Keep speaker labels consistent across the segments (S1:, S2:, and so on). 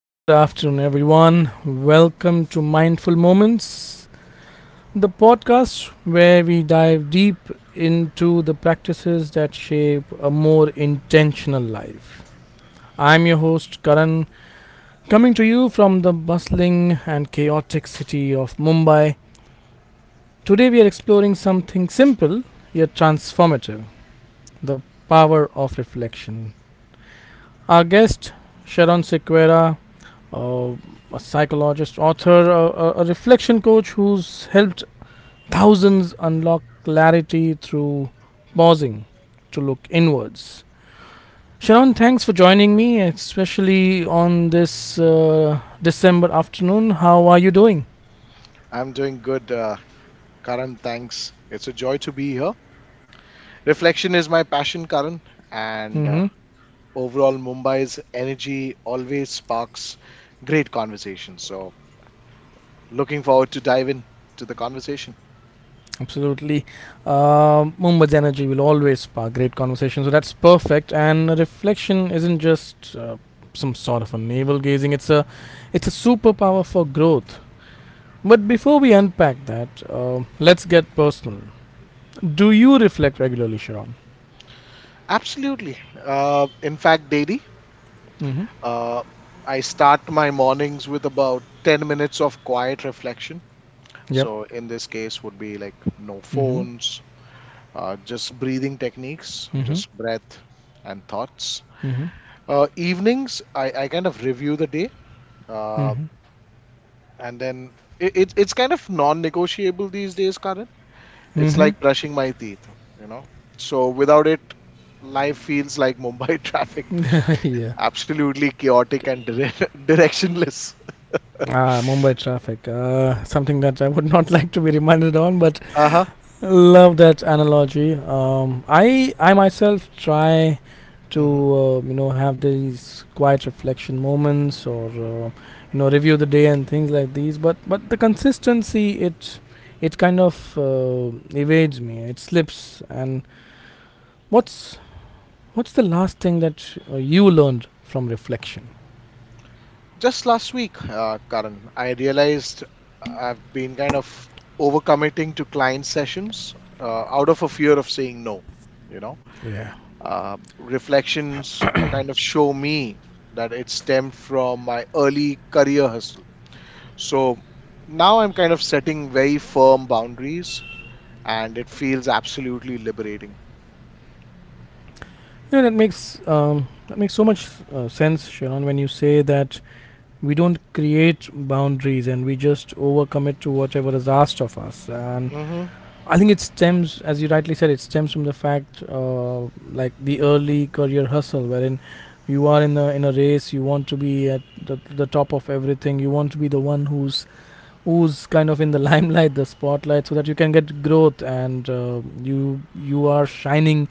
S1: Good afternoon, everyone. Welcome to Mindful Moments, the podcast where we dive deep into the practices that shape a more intentional life. I'm your host, Karan, coming to you from the bustling and chaotic city of Mumbai. Today, we are exploring something simple yet transformative the power of reflection. Our guest, Sharon Sequeira, uh, a psychologist, author, a reflection coach who's helped thousands unlock clarity through pausing to look inwards. Sharon, thanks for joining me, especially on this December afternoon. How are you doing?
S2: I'm doing good, Karan. Thanks. It's a joy to be here. Reflection is my passion, Karan, and
S1: Mm-hmm.
S2: overall, Mumbai's energy always sparks great conversation. So, looking forward to dive in to the conversation.
S1: Absolutely. Mumbai's energy will always spark great conversation, so that's perfect. And a reflection isn't just some sort of a navel gazing; it's a superpower for growth. But before we unpack that, let's get personal. Do you reflect regularly, Sharon?
S2: Absolutely. In fact, daily,
S1: Mm-hmm.
S2: uh, I start my mornings with about 10 minutes of quiet reflection.
S1: Yep.
S2: So, in this case, would be like no
S1: Mm-hmm.
S2: phones, just breathing techniques,
S1: Mm-hmm.
S2: just breath and thoughts.
S1: Mm-hmm.
S2: Evenings, I kind of review the day, uh,
S1: Mm-hmm.
S2: and then it's kind of non-negotiable these days, Karan. It's like
S1: Mm-hmm.
S2: brushing my teeth, you know. So without it, life feels like Mumbai traffic,
S1: yeah.
S2: absolutely chaotic and directionless.
S1: Ah, Mumbai traffic. Something that I would not like to be reminded on, but
S2: Uh-huh.
S1: love that analogy. I myself try to
S2: Hmm.
S1: you know have these quiet reflection moments or you know review the day and things like these but the consistency it it kind of evades me it slips and what's what's the last thing that you learned from reflection.
S2: Just last week, Karan, I realized I've been kind of overcommitting to client sessions out of a fear of saying no, you know
S1: Yeah.
S2: Reflections kind of show me that it stemmed from my early career hustle. So now I'm kind of setting very firm boundaries, and it feels absolutely liberating.
S1: You know that makes so much sense Sharon when you say that we don't create boundaries and we just overcommit to whatever is asked of us and
S2: Mm-hmm,
S1: I think it stems, as you rightly said, it stems from the fact, like the early career hustle, wherein you are in a race, you want to be at the top of everything, you want to be the one who's who's kind of in the limelight, the spotlight, so that you can get growth and you you are shining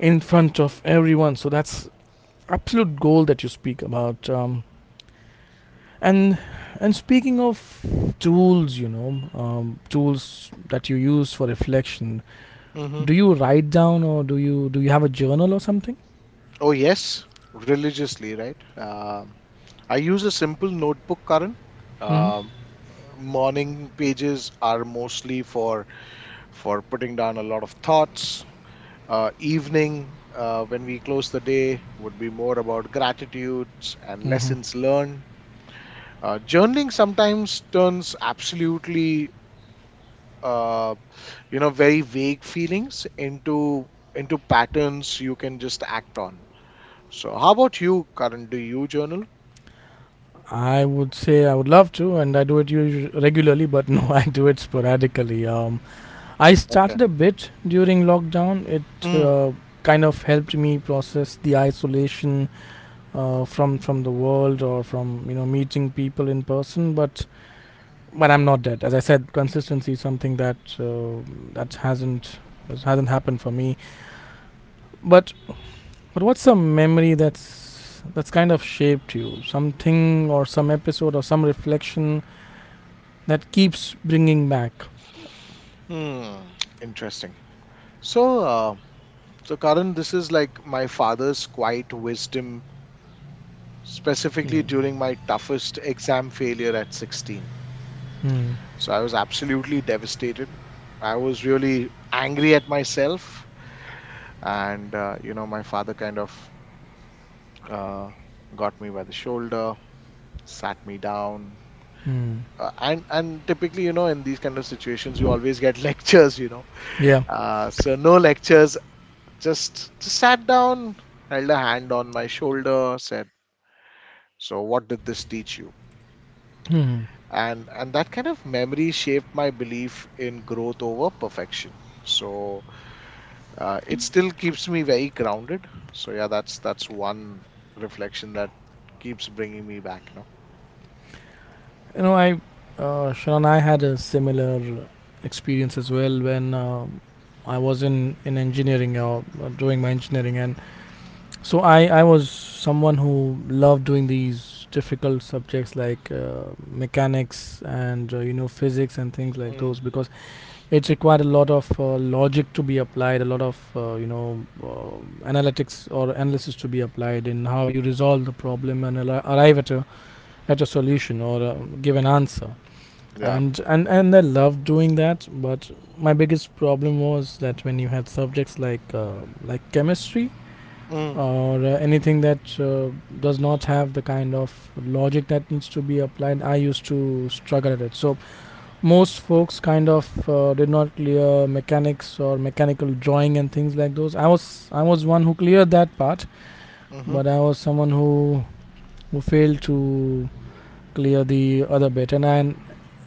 S1: in front of everyone. So that's absolute goal that you speak about. And and speaking of tools, you know, tools that you use for reflection
S2: mm-hmm.
S1: do you write down or do you have a journal or something.
S2: Oh, yes, religiously, right? I use a simple notebook, Karan.
S1: Hmm.
S2: Um, Morning pages are mostly for putting down a lot of thoughts. Evening, when we close the day, would be more about gratitudes and
S1: Mm-hmm.
S2: lessons learned. Journaling sometimes turns absolutely, uh, very vague feelings into patterns you can just act on. So, how about you, Karan? Do you journal?
S1: I would love to and I do it regularly but no I do it sporadically I
S2: Okay.
S1: started a bit during lockdown it
S2: Mm,
S1: kind of helped me process the isolation from the world or from you know meeting people in person but I'm not dead as I said consistency is something that that hasn't that hasn't happened for me but but what's a memory that's kind of shaped you? Something or some episode or some reflection that keeps bringing back.
S2: mm, interesting. So, uh, so Karan, this is like my father's quiet wisdom, specifically
S1: Hmm.
S2: during my toughest exam failure at 16.
S1: Hmm.
S2: So I was absolutely devastated. I was really angry at myself. And my father kind of uh, got me by the shoulder, sat me down.
S1: Hmm.
S2: And typically, you know, in these kind of situations, you always get lectures.
S1: Yeah.
S2: So no lectures, just sat down, held a hand on my shoulder, said, so what did this teach you?
S1: Hmm.
S2: And that kind of memory shaped my belief in growth over perfection. So it still keeps me very grounded, so yeah, that's one reflection that keeps bringing me back.
S1: You know, I, Sharon, I had a similar experience as well when I was in engineering or doing my engineering, and so I was someone who loved doing these difficult subjects like mechanics and you know physics and things like those
S2: Mm,
S1: because it's required a lot of logic to be applied a lot of you know analytics or analysis to be applied in how you resolve the problem and arrive at a solution or give an answer
S2: yeah.
S1: and and I love doing that but my biggest problem was that when you had subjects like chemistry
S2: mm,
S1: or anything that does not have the kind of logic that needs to be applied I used to struggle at it so most folks kind of did not clear mechanics or mechanical drawing and things like those I was one who cleared that part
S2: hmm
S1: but I was someone who failed to clear the other bit and and,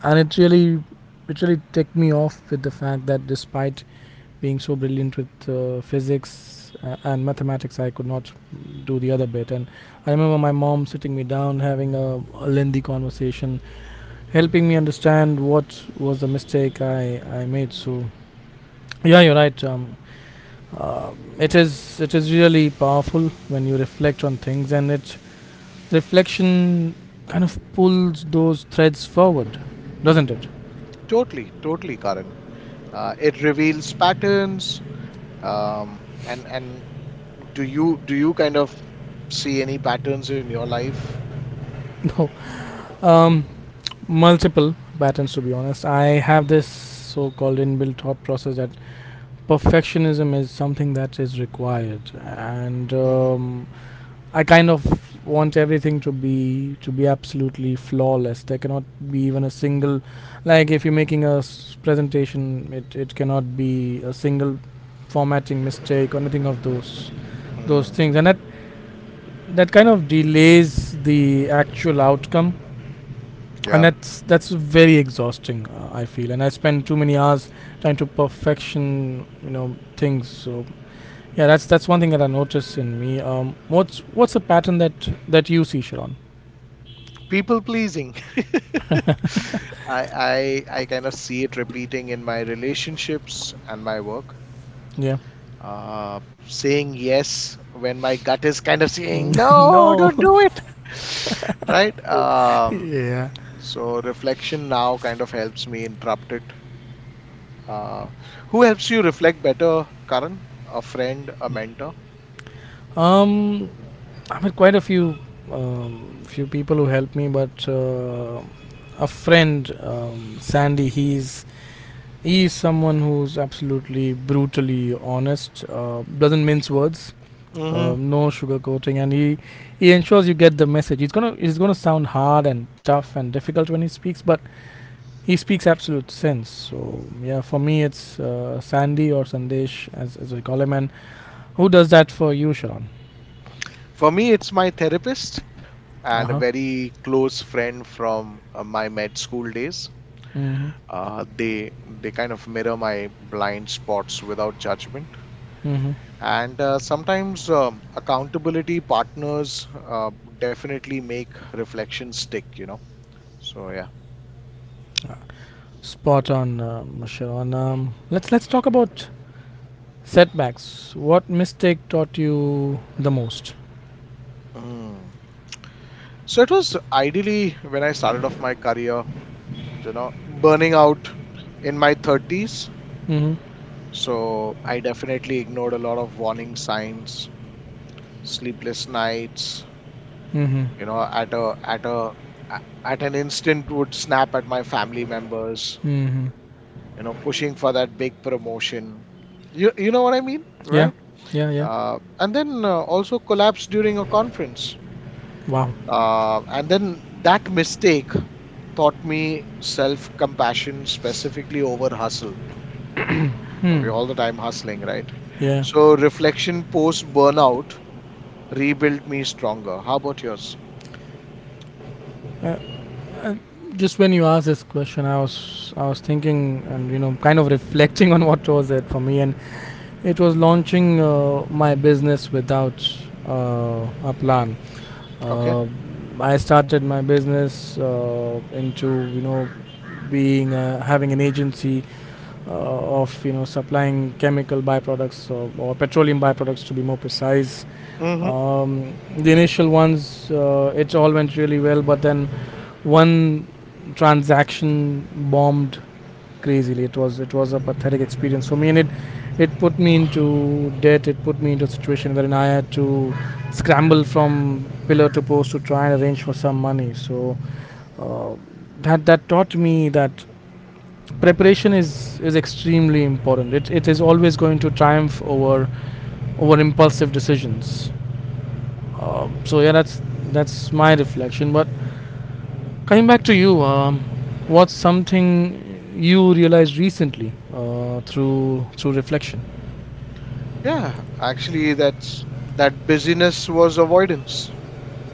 S1: and it really ticked me off with the fact that despite being so brilliant with physics and mathematics I could not do the other bit and I remember my mom sitting me down having a lengthy conversation helping me understand what was the mistake I made. So yeah, you're right. Uh, it is really powerful when you reflect on things, and it reflection kind of pulls those threads forward, doesn't it?
S2: totally, totally, Karan, it reveals patterns. Um, and and do you kind of see any patterns in your life?
S1: No, um, multiple patterns to be honest. I have this so-called inbuilt thought process that perfectionism is something that is required, and
S2: Hmm.
S1: I kind of want everything to be absolutely flawless. There cannot be even a single like if you're making a presentation, it cannot be a single formatting mistake or anything of those
S2: Mm,
S1: things. And that that kind of delays the actual outcome.
S2: yeah.
S1: And that's very exhausting, I feel. And I spend too many hours trying to perfection, you know, things. So yeah, that's one thing that I notice in me. What's the pattern that you see, Sharon?
S2: People pleasing. I, I kind of see it repeating in my relationships and my work,
S1: Yeah.
S2: uh, saying yes when my gut is kind of saying no,
S1: no.
S2: don't do it. Right.
S1: yeah.
S2: So reflection now kind of helps me interrupt it. uh, who helps you reflect better, Karan? A friend? A mentor?
S1: Um, I met quite a few few people who helped me, but a friend, Sandy, he's someone who's absolutely brutally honest, doesn't mince words,
S2: Hmm.
S1: no sugarcoating, and he ensures you get the message. It's gonna sound hard and tough and difficult when he speaks, but he speaks absolute sense. So yeah, for me, it's Sandy or Sandesh as we call him, and Who does that for you, Sharon?
S2: For me it's my therapist and a
S1: Uh huh.
S2: very close friend from my med school days.
S1: Mm hmm.
S2: uh, they they kind of mirror my blind spots without judgment.
S1: Mm hmm.
S2: And sometimes accountability partners definitely make reflection stick, you know. So, yeah.
S1: Spot on, Sharon. Let's talk about setbacks. What mistake taught you the most?
S2: Mm. So, it was ideally when I started off my career, you know, burning out in my 30s.
S1: Mm hmm.
S2: So, I definitely ignored a lot of warning signs, sleepless nights,
S1: Mm hmm.
S2: you know, at at an instant would snap at my family members,
S1: Mm hmm.
S2: you know, pushing for that big promotion. You know what I mean,
S1: Yeah.
S2: right?
S1: Yeah. Yeah.
S2: And then also collapsed during a conference.
S1: Wow.
S2: And then that mistake taught me self compassion, specifically over hustle. We're all the time hustling, right?
S1: Yeah.
S2: So, reflection post burnout rebuilt me stronger. How about yours?
S1: Uh, just when you asked this question, I was thinking and you know kind of reflecting on what was it for me, and it was launching my business without a plan.
S2: Okay.
S1: Uh, I started my business into you know being having an agency of you know supplying chemical byproducts or petroleum byproducts to be more precise.
S2: Hmm.
S1: The initial ones it all went really well, but then one transaction bombed crazily. It was a pathetic experience for me, and it put me into debt. It put me into a situation wherein I had to scramble from pillar to post to try and arrange for some money. So uh, that taught me that preparation is extremely important. It is always going to triumph over over impulsive decisions. So yeah, that's my reflection. But Coming back to you, what's something you realized recently through through reflection?
S2: Yeah, actually, that busyness was avoidance.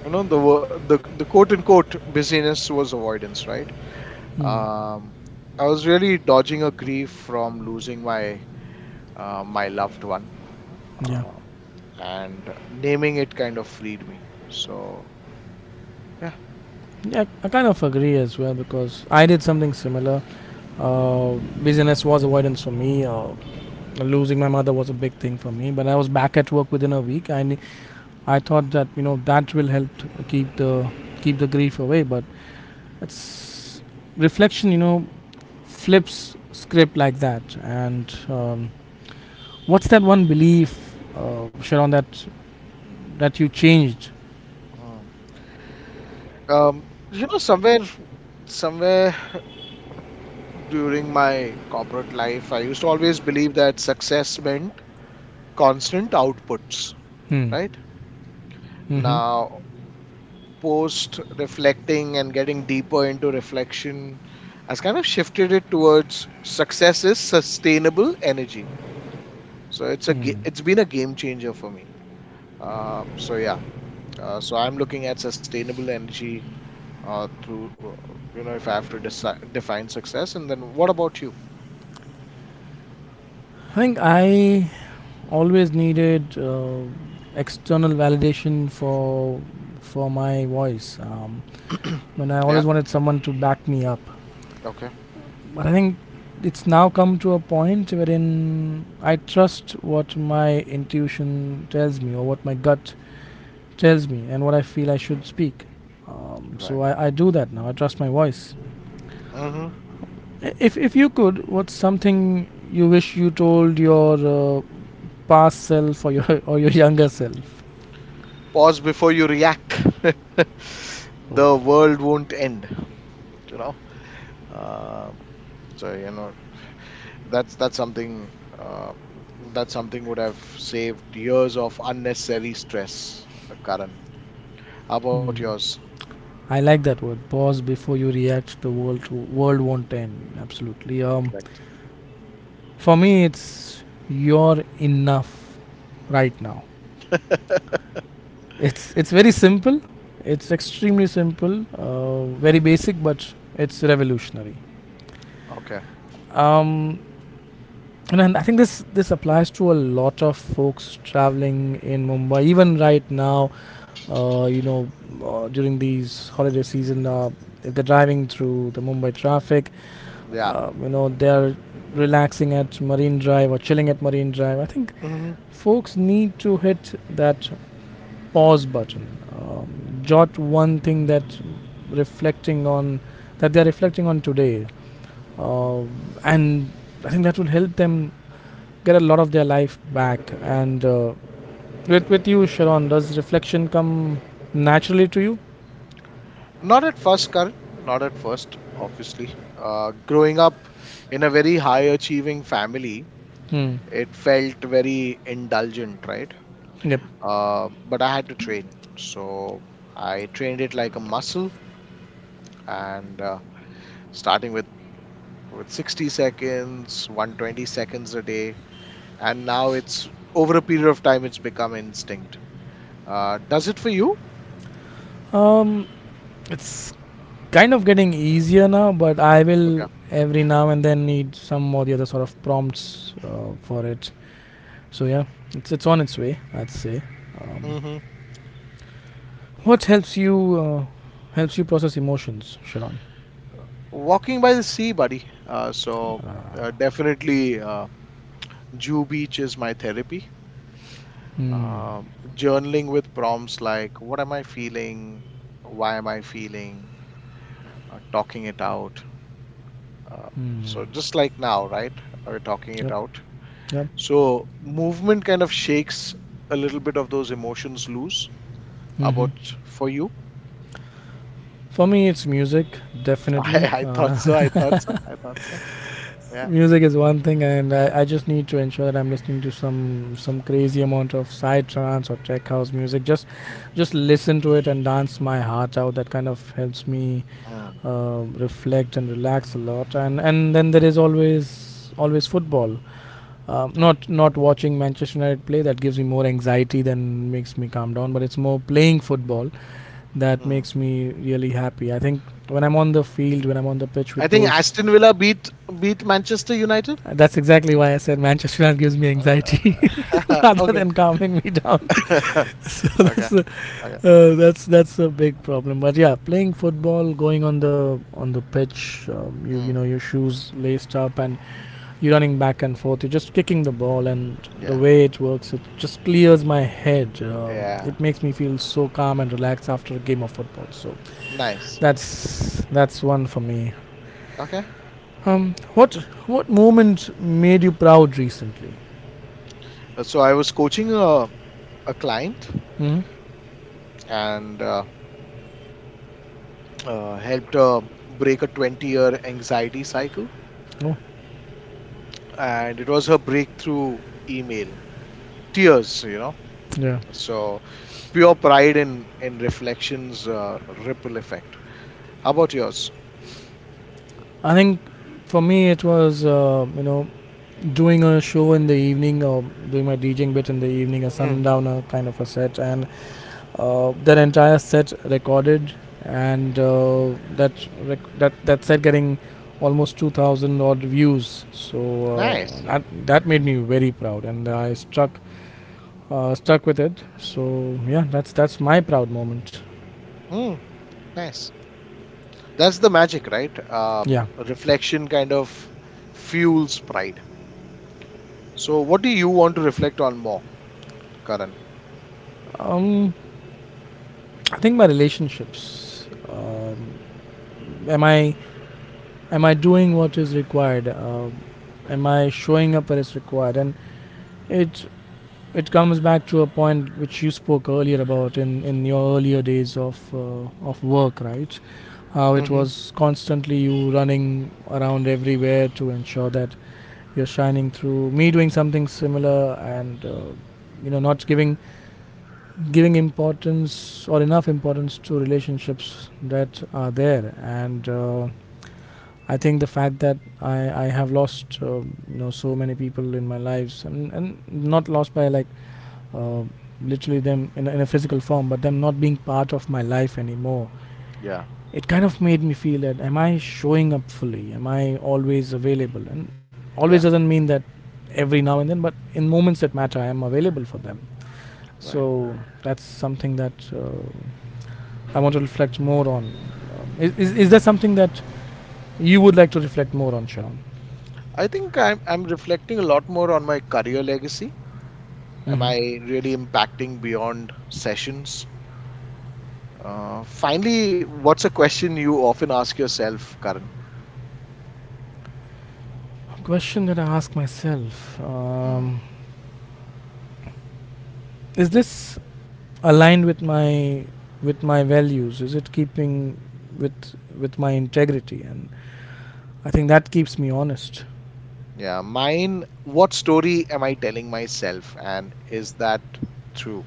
S2: You know, the wo- the quote unquote busyness was avoidance, right?
S1: Hmm.
S2: Um, I was really dodging a grief from losing my my loved one,
S1: Yeah.
S2: uh, and naming it kind of freed me. So yeah.
S1: Yeah, I kind of agree as well because I did something similar. Uh, business was avoidance for me. Losing my mother was a big thing for me. But I was back at work within a week. I thought that you know that will help to keep the keep the grief away. But it's reflection, you know, flips script like that, and What's that one belief, Sharon, that that you changed?
S2: Mm. um, somewhere, somewhere during my corporate life, I used to always believe that success meant constant outputs.
S1: Hmm.
S2: Right
S1: Mm-hmm.
S2: now, post reflecting and getting deeper into reflection, has kind of shifted it towards success is sustainable energy. So
S1: Hmm.
S2: it's been a game changer for me. So yeah. So I'm looking at sustainable energy through, you know, if I have to define success. And then what about you?
S1: I think I always needed external validation for my voice. When I
S2: Yeah.
S1: always wanted someone to back me up,
S2: Okay.
S1: but I think it's now come to a point wherein I trust what my intuition tells me or what my gut tells me and what I feel I should speak.
S2: Right.
S1: So I do that now. I trust my voice.
S2: Hmm.
S1: If you could, what's something you wish you told your past self or your or your younger self?
S2: Pause before you react. The
S1: Oh.
S2: world won't end. You know. Uh, so that's something uh, that something would have saved years of unnecessary stress, Karan. How about
S1: Hmm.
S2: yours?
S1: I like that word. Pause before you react. The world won't end. Absolutely.
S2: Correct.
S1: For me, it's you're enough right now. It's very simple. It's extremely simple. Very basic, but it's revolutionary.
S2: Okay.
S1: Um, and then I think this this applies to a lot of folks traveling in Mumbai. Even right now, you know, during these holiday season, if they're driving through the Mumbai traffic,
S2: Yeah.
S1: you know, they're relaxing at Marine Drive or chilling at Marine Drive. I think
S2: Hmm.
S1: folks need to hit that pause button, um, jot one thing that reflecting on that they're reflecting on today, uh, and I think that will help them get a lot of their life back. And with you, Sharon, does reflection come naturally to you?
S2: Not at first, Karan. Not at first, obviously. Growing up in a very high achieving family,
S1: Hmm.
S2: it felt very indulgent, right?
S1: Yep.
S2: But I had to train. So I trained it like a muscle, and starting with 60 seconds, 120 seconds a day. And now it's, over a period of time, it's become instinct. Does it for you?
S1: Um, it's kind of getting easier now, but I
S2: Okay.
S1: will every now and then need some or the other sort of prompts for it. So yeah, it's on its way. I'd say. Um,
S2: Hmm.
S1: what helps you process emotions, Sharon?
S2: Walking by the sea, buddy. Definitely. Jew Beach is my therapy.
S1: Hmm.
S2: Journaling with prompts like, what am I feeling? Why am I feeling? Talking it out. Uh,
S1: Hmm.
S2: so, just like now, right? We're talking it
S1: Yep.
S2: out.
S1: Yep.
S2: So, movement kind of shakes a little bit of those emotions loose.
S1: Mm-hmm.
S2: About for you?
S1: For me, it's music,
S2: I,
S1: definitely.
S2: I thought so. Yeah.
S1: Music is one thing, and I just need to ensure that I'm listening to some crazy amount of side trance or tech house music, just listen to it and dance my heart out. That kind of helps me
S2: Mm,
S1: reflect and relax a lot. And then there is always football. um,
S2: yeah.
S1: not not watching Manchester United play, that gives me more anxiety than makes me calm down, but it's more playing football that
S2: Hmm.
S1: makes me really happy, I think, when I'm on the field, when I'm on the pitch
S2: I
S1: with
S2: think
S1: those.
S2: Aston Villa beat Manchester United.
S1: That's exactly why I said Manchester United gives me anxiety rather than
S2: Okay.
S1: calming me down. So that's a,
S2: Okay. Okay.
S1: that's a big problem. But yeah, playing football, going on the pitch, you know,
S2: Hmm.
S1: your shoes laced up, and you're running back and forth. You're just kicking the ball, and the
S2: Yeah.
S1: way it works, it just clears my head.
S2: Yeah,
S1: It makes me feel so calm and relaxed after a game of football. So
S2: nice.
S1: that's one for me.
S2: Okay.
S1: Um, what what moment made you proud recently?
S2: So I was coaching a client,
S1: Hmm?
S2: and helped her break a 20-year year anxiety cycle.
S1: Oh,
S2: And it was her breakthrough email. Tears, you know.
S1: yeah.
S2: So pure pride in reflections, ripple effect. How about yours?
S1: I think for me it was you know, doing a show in the evening, or doing my DJing bit in the evening, a
S2: Mm,
S1: sundowner kind of a set, and that entire set recorded, and that that set getting almost 2,000 odd views. So
S2: nice.
S1: that made me very proud, and I struck stuck with it. So yeah, that's my proud moment.
S2: Mm, nice. That's the magic, right?
S1: Yeah,
S2: Reflection kind of fuels pride. So what do you want to reflect on more, Karan?
S1: um, I think my relationships. Am I doing what is required, am I showing up as required? And it it comes back to a point which you spoke earlier about, in your earlier days of work, right? How it was constantly you running around everywhere to ensure that you're shining through, me doing something similar, and you know, not giving importance, or enough importance, to relationships that are there. And I think the fact that I have lost, you know, so many people in my lives, and not lost by, like, uh, literally them in a physical form, but them not being part of my life anymore,
S2: Yeah,
S1: it kind of made me feel that, am I showing up fully, am I always available? And always
S2: yeah,
S1: doesn't mean that every now and then, but in moments that matter, I am available for them.
S2: right.
S1: So that's something that I want to reflect more on. Is that something that you would like to reflect more on, Sean?
S2: I think I'm reflecting a lot more on my career legacy. Am
S1: Mm-hmm.
S2: I really impacting beyond sessions? Finally, what's a question you often ask yourself, Karan?
S1: Question that I ask myself:
S2: Mm,
S1: is this aligned with my values? Is it keeping with my integrity? And I think that keeps me honest.
S2: yeah, mine. What story am I telling myself, and is that true?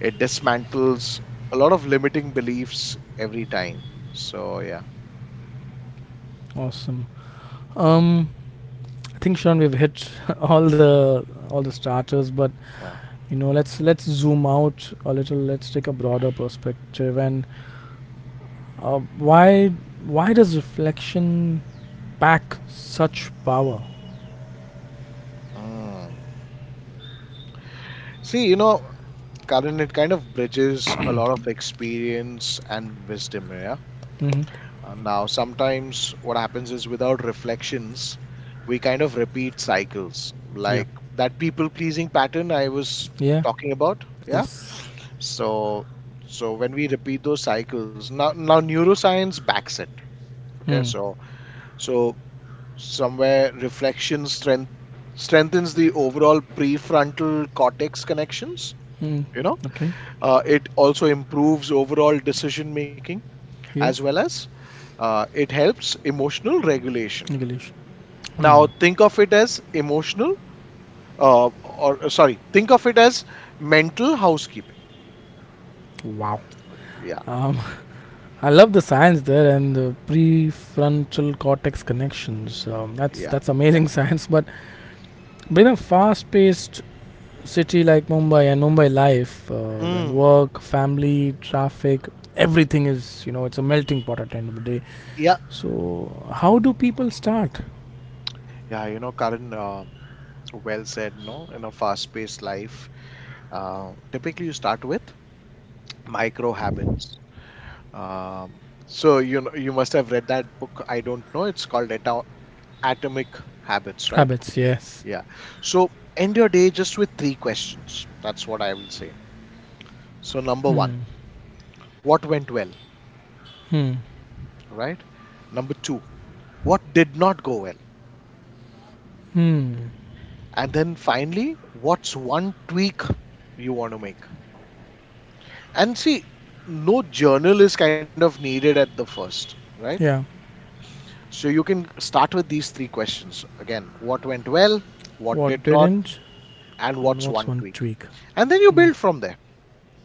S2: It dismantles a lot of limiting beliefs every time. So yeah,
S1: Awesome. Um, I think Sean, we've hit all the starters, but
S2: yeah.
S1: you know, let's zoom out a little. Let's take a broader perspective. And uh, why why does reflection pack such power?
S2: Mm. See, you know, Karan, it kind of bridges a lot of experience and wisdom, yeah.
S1: Mm-hmm.
S2: Now, sometimes what happens is without reflections, we kind of repeat cycles,
S1: Yep.
S2: like that people pleasing pattern I was
S1: Yeah.
S2: talking about, yeah.
S1: Yes.
S2: So, so when we repeat those cycles, now now neuroscience backs it, okay.
S1: Hmm.
S2: So, so somewhere reflection strength strengthens the overall prefrontal cortex connections,
S1: Hmm.
S2: you know.
S1: Okay.
S2: It also improves overall decision making, as
S1: Yep.
S2: well as it helps emotional regulation.
S1: English. Hmm.
S2: Now, think of it as emotional, or sorry, think of it as mental housekeeping.
S1: Wow.
S2: Yeah,
S1: Um, I love the science there, and the prefrontal cortex connections. That's
S2: yeah,
S1: that's
S2: yeah.
S1: amazing science. But being a fast-paced city like Mumbai, and Mumbai life, and
S2: Mm,
S1: work, family, traffic, everything, is you know, it's a melting pot at the end of the day.
S2: yeah,
S1: So how do people start
S2: yeah, you know, Karan, well said, no? In a fast paced life, typically you start with micro habits. Um, so, you know, you must have read that book. I don't know. It's called Atomic Habits, right?
S1: habits? Yes.
S2: Yeah. So end your day just with three questions. That's what I will say. So number one, what went well,
S1: Hmm.
S2: right? Number two, what did not go well?
S1: Hmm.
S2: And then finally, what's one tweak you want to make? And see, no journal is kind of needed at the first, right?
S1: Yeah.
S2: So you can start with these three questions. Again, what went well, what did
S1: What
S2: not,
S1: didn't,
S2: and
S1: and
S2: what's
S1: what's
S2: one
S1: one
S2: tweak?
S1: tweak?
S2: And then you
S1: Hmm.
S2: build from there.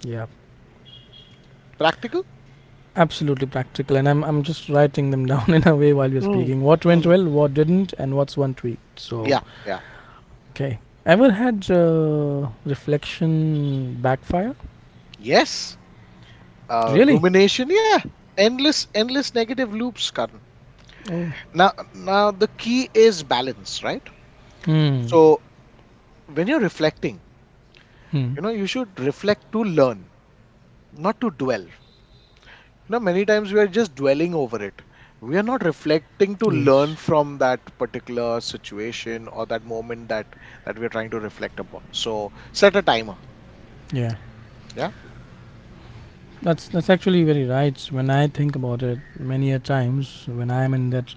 S1: Yeah.
S2: Practical?
S1: Absolutely practical, and I'm just writing them down in a way while we're
S2: Mm,
S1: speaking. What went
S2: mm.
S1: well, what didn't, and what's one tweak. So
S2: Yeah, yeah.
S1: okay. Ever had reflection backfire?
S2: Yes,
S1: Really?
S2: rumination, yeah. Endless, endless negative loops, Karan.
S1: Oh.
S2: Now, now the key is balance, right?
S1: Hmm.
S2: So when you're reflecting,
S1: Hmm.
S2: you know you should reflect to learn, not to dwell. You know, many times we are just dwelling over it, we are not reflecting to
S1: Yes.
S2: learn from that particular situation or that moment that we're trying to reflect upon. So set a timer,
S1: Yeah.
S2: yeah.
S1: That's actually very right. When I think about it, many a times when I'm in that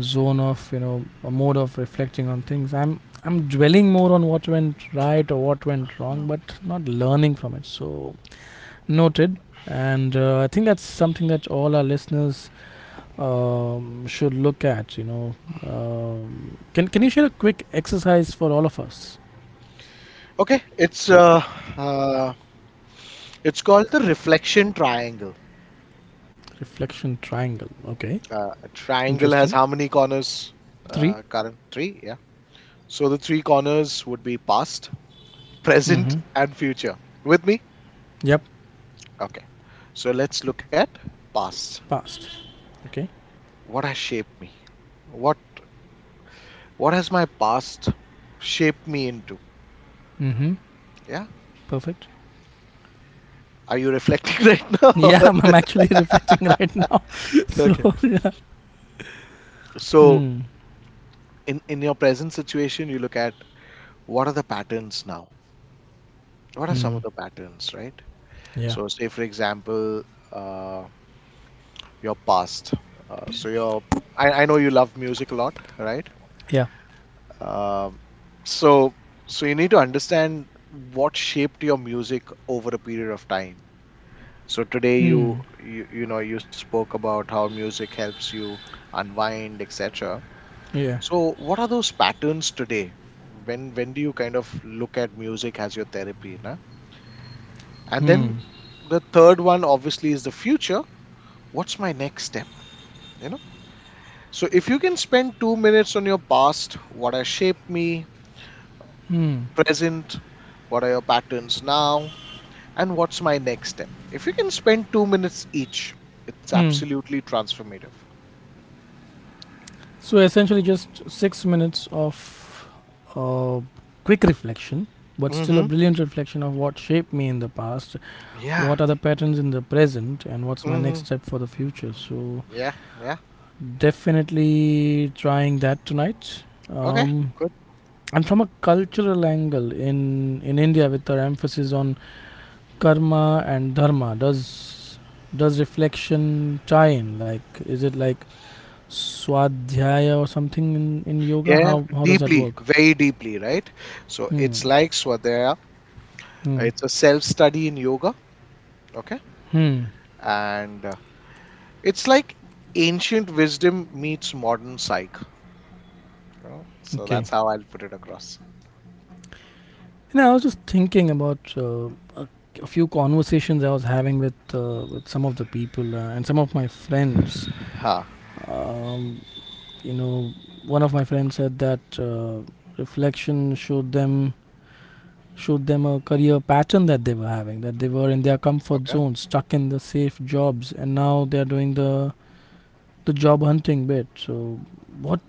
S1: zone of, you know, a mode of reflecting on things, I'm dwelling more on what went right or what went wrong,
S2: Hmm.
S1: but not learning from it. So noted. And I think that's something that all our listeners should look at. You know, can you share a quick exercise for all of us?
S2: Okay, uh it's called the reflection triangle.
S1: Reflection triangle. Okay,
S2: A triangle
S1: interesting.
S2: has how many corners,
S1: three.
S2: Karan? Three, yeah. So the three corners would be past, present,
S1: Mm-hmm.
S2: and future. With me?
S1: Yep.
S2: Okay. So let's look at past.
S1: Past. Okay.
S2: What has shaped me? What has my past shaped me into?
S1: Mm-hmm.
S2: Yeah.
S1: Perfect.
S2: Are you reflecting right now?
S1: Yeah, I'm actually reflecting right now.
S2: Okay.
S1: So. Yeah.
S2: So
S1: Hmm.
S2: in your present situation, you look at what are the patterns now? What
S1: Hmm.
S2: are some of the patterns, right?
S1: Yeah.
S2: So say for example, uh, your past. So your I, know you love music a lot, right?
S1: Yeah.
S2: Um, so so you need to understand what shaped your music over a period of time. So today
S1: Hmm.
S2: you know you spoke about how music helps you unwind, etc.
S1: Yeah.
S2: So what are those patterns today? When do you kind of look at music as your therapy? Na? And then
S1: Hmm.
S2: the third one obviously is the future. What's my next step? You know? So, if you can spend 2 minutes on your past, what has shaped me,
S1: Hmm.
S2: present, what are your patterns now, and what's my next step? If you can spend 2 minutes each, it's
S1: Hmm.
S2: absolutely transformative.
S1: So essentially, just 6 minutes of uh, quick reflection, but still a
S2: Mm-hmm.
S1: brilliant reflection of what shaped me in the past,
S2: Yeah.
S1: what are the patterns in the present, and what's my
S2: Mm-hmm.
S1: next step for the future. So
S2: Yeah. Yeah.
S1: definitely trying that tonight.
S2: Okay.
S1: Um,
S2: Good.
S1: and from a cultural angle, in India, with our emphasis on karma and dharma, does reflection tie in? Like, is it like swadhyaya or something, in yoga?
S2: Yeah.
S1: How does that
S2: Deeply,
S1: work?
S2: very deeply, right? So,
S1: Hmm.
S2: it's like Swadhyaya,
S1: Hmm.
S2: it's a self study in yoga. Okay.
S1: Hmm.
S2: And it's like ancient wisdom meets modern psych. Know? So
S1: Okay.
S2: that's how I'll put it across.
S1: You know, I was just thinking about a, a few conversations I was having with with some of the people and some of my friends.
S2: Huh.
S1: Um, you know, one of my friends said that reflection showed them a career pattern that they were having, that they were in their comfort
S2: Okay.
S1: zone, stuck in the safe jobs, and now they are doing the job hunting bit. So what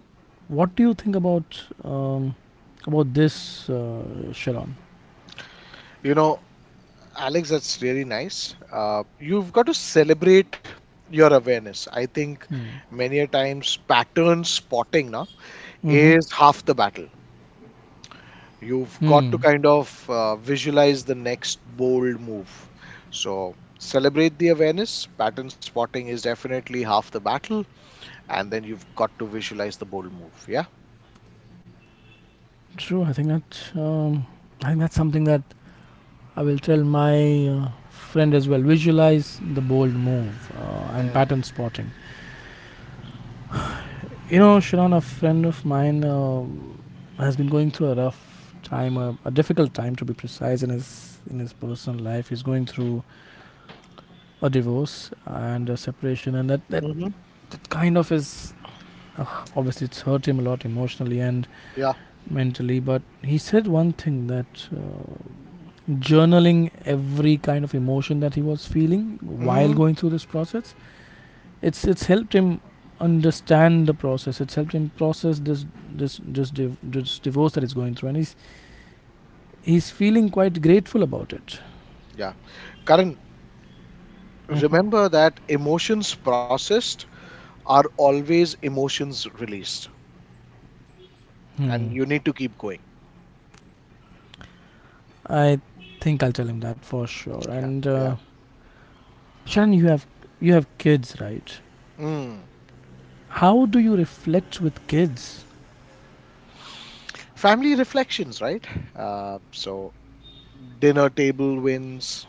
S1: what do you think about this, Sharon?
S2: You know, Alex, that's really nice. You've got to celebrate your awareness. I think
S1: Hmm.
S2: many a times pattern spotting, na,
S1: Mm-hmm.
S2: is half the battle. You've got to
S1: Hmm.
S2: kind of visualize the next bold move. So celebrate the awareness. Pattern spotting is definitely half the battle. And then you've got to visualize the bold move. Yeah.
S1: True. I think that I think that's something that I will tell my friend as well. Visualize the bold move, and
S2: Mm.
S1: pattern spotting. You know, Sharon, a friend of mine has been going through a rough time, a difficult time, to be precise, in his personal life. He's going through a divorce and a separation, and that that,
S2: Hmm.
S1: that kind of is, obviously, it's hurt him a lot emotionally and
S2: Yeah.
S1: mentally. But he said one thing, that journaling every kind of emotion that he was feeling while
S2: Mm.
S1: going through this process, it's helped him understand the process, it's helped him process this this divorce that he's going through, and he's feeling quite grateful about it.
S2: Yeah. Karan,
S1: Mm-hmm.
S2: remember that emotions processed are always emotions released, and
S1: Hmm.
S2: you need to keep going.
S1: i I'll tell him that for sure.
S2: Yeah,
S1: And
S2: yeah.
S1: Sharon, you have kids, right?
S2: Mm.
S1: How do you reflect with kids?
S2: Family reflections, right? uh, so dinner table wins,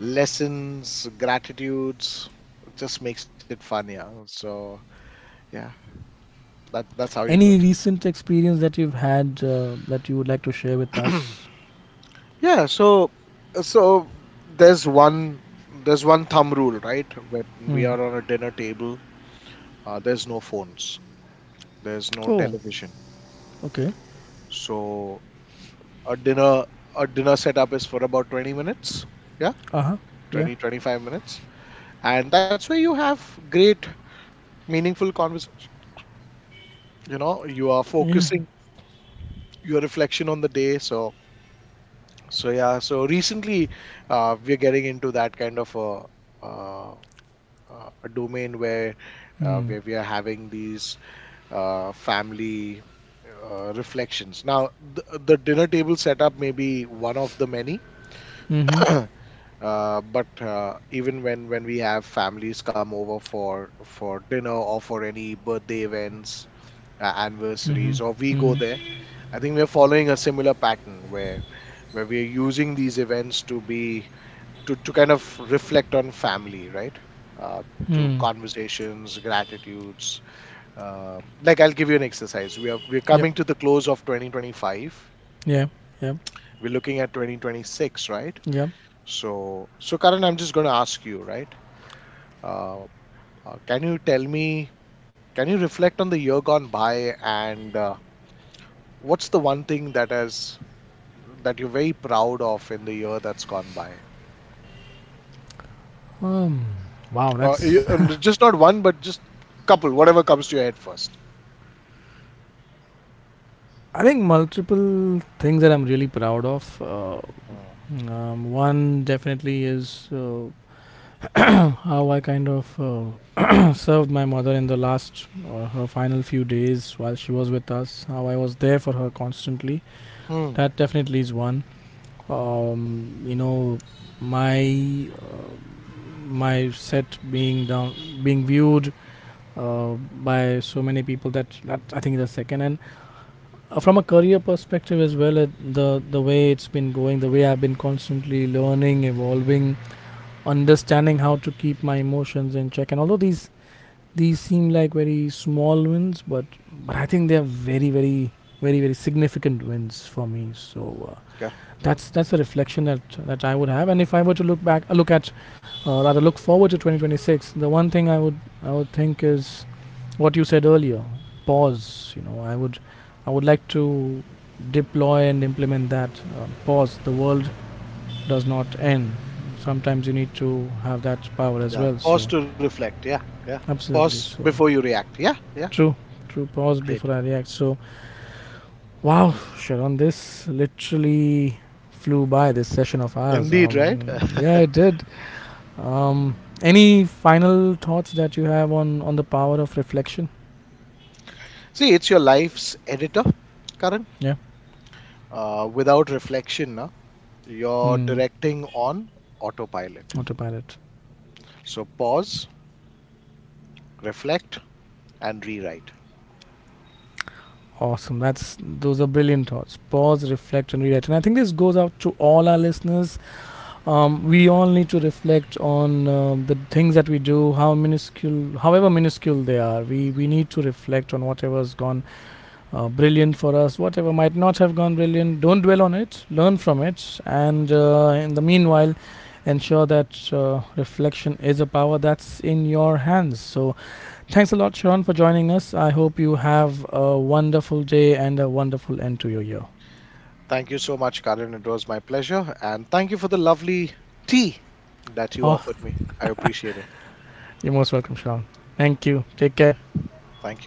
S2: lessons, gratitudes. It just makes it fun, yeah. So yeah, that that's how you do
S1: Any
S2: it.
S1: recent experience that you've had that you would like to share with us?
S2: Yeah, so, so there's one, there's one thumb rule, right? When we are
S1: Mm.
S2: on a dinner table, there's no phones. There's no
S1: Oh,
S2: television.
S1: okay.
S2: So a dinner setup is for about 20 minutes. Yeah,
S1: Uh huh. Yeah.
S2: twenty 25 minutes. And that's where you have great meaningful conversation. You know, you are
S1: Yeah.
S2: focusing your reflection on the day. So so yeah, so recently we're getting into that kind of a uh, a domain
S1: Mm.
S2: where we are having these family reflections. Now, the dinner table setup may be one of the many.
S1: Mm hmm.
S2: But even when we have families come over for dinner or for any birthday events,
S1: Mm
S2: anniversaries,
S1: hmm.
S2: or we go
S1: Mm
S2: there, I think we're following a similar pattern where we are using these events to be to kind of reflect on family, right?
S1: hmm.
S2: Through
S1: Mm.
S2: conversations, gratitudes. Like I'll give you an exercise. We're
S1: Yep.
S2: coming to the close of 2025.
S1: Yeah. Yep.
S2: We're looking at 2026, right?
S1: Yep.
S2: So so Karan, I'm just going to ask you, right? Uh, can you tell me, can you reflect on the year gone by, and what's the one thing that has, that you're very proud of in the year that's gone by?
S1: Um. Wow, that's.
S2: And just not one, but just couple, whatever comes to your head first.
S1: I think multiple things that I'm really proud of.
S2: Mm.
S1: One definitely is how I kind of served my mother in the last, or her final few days while she was with us, how I was there for her constantly. That
S2: Hmm.
S1: definitely is one. You know, my my set being down, being viewed uh, by so many people, that I think is the second. And from a career perspective as well, the way it's been going, the way I've been constantly learning, evolving, understanding how to keep my emotions in check. And although these seem like very small wins, but I think they're very very significant wins for me. So.
S2: Yeah.
S1: That's a reflection that I would have. And if I were to look back, rather look forward to 2026, the one thing I would think is what you said earlier: pause. You know, I would like to deploy and implement that pause. The world does not end. Sometimes you need to have that power as
S2: Yeah.
S1: well. So
S2: Pause to reflect. Yeah. Yeah. Pause
S1: absolutely, so
S2: before you react. Yeah. Yeah.
S1: true, Pause
S2: Great.
S1: before I react. So wow, Sharon, this literally flew by, this session of ours.
S2: Indeed, right?
S1: Yeah, it did. Um, any final thoughts that you have on the power of reflection?
S2: See, it's your life's editor, Karan.
S1: Yeah.
S2: Without reflection, na, you're
S1: Hmm.
S2: directing on autopilot.
S1: Autopilot.
S2: So pause, reflect, and rewrite.
S1: Awesome. That's those are brilliant thoughts. Pause, reflect, and rewrite. And I think this goes out to all our listeners. We all need to reflect on the things that we do, how minuscule, however minuscule they are. We need to reflect on whatever has gone brilliant for us, whatever might not have gone brilliant, don't dwell on it, learn from it. And in the meanwhile, ensure that reflection is a power that's in your hands. So, thanks a lot, Sharon, for joining us. I hope you have a wonderful day and a wonderful end to your year.
S2: Thank you so much, Karan. It was my pleasure. And thank you for the lovely tea that you
S1: Oh,
S2: offered me. I appreciate it.
S1: you're most welcome, Sharon. Thank you. Take care.
S2: Thank you.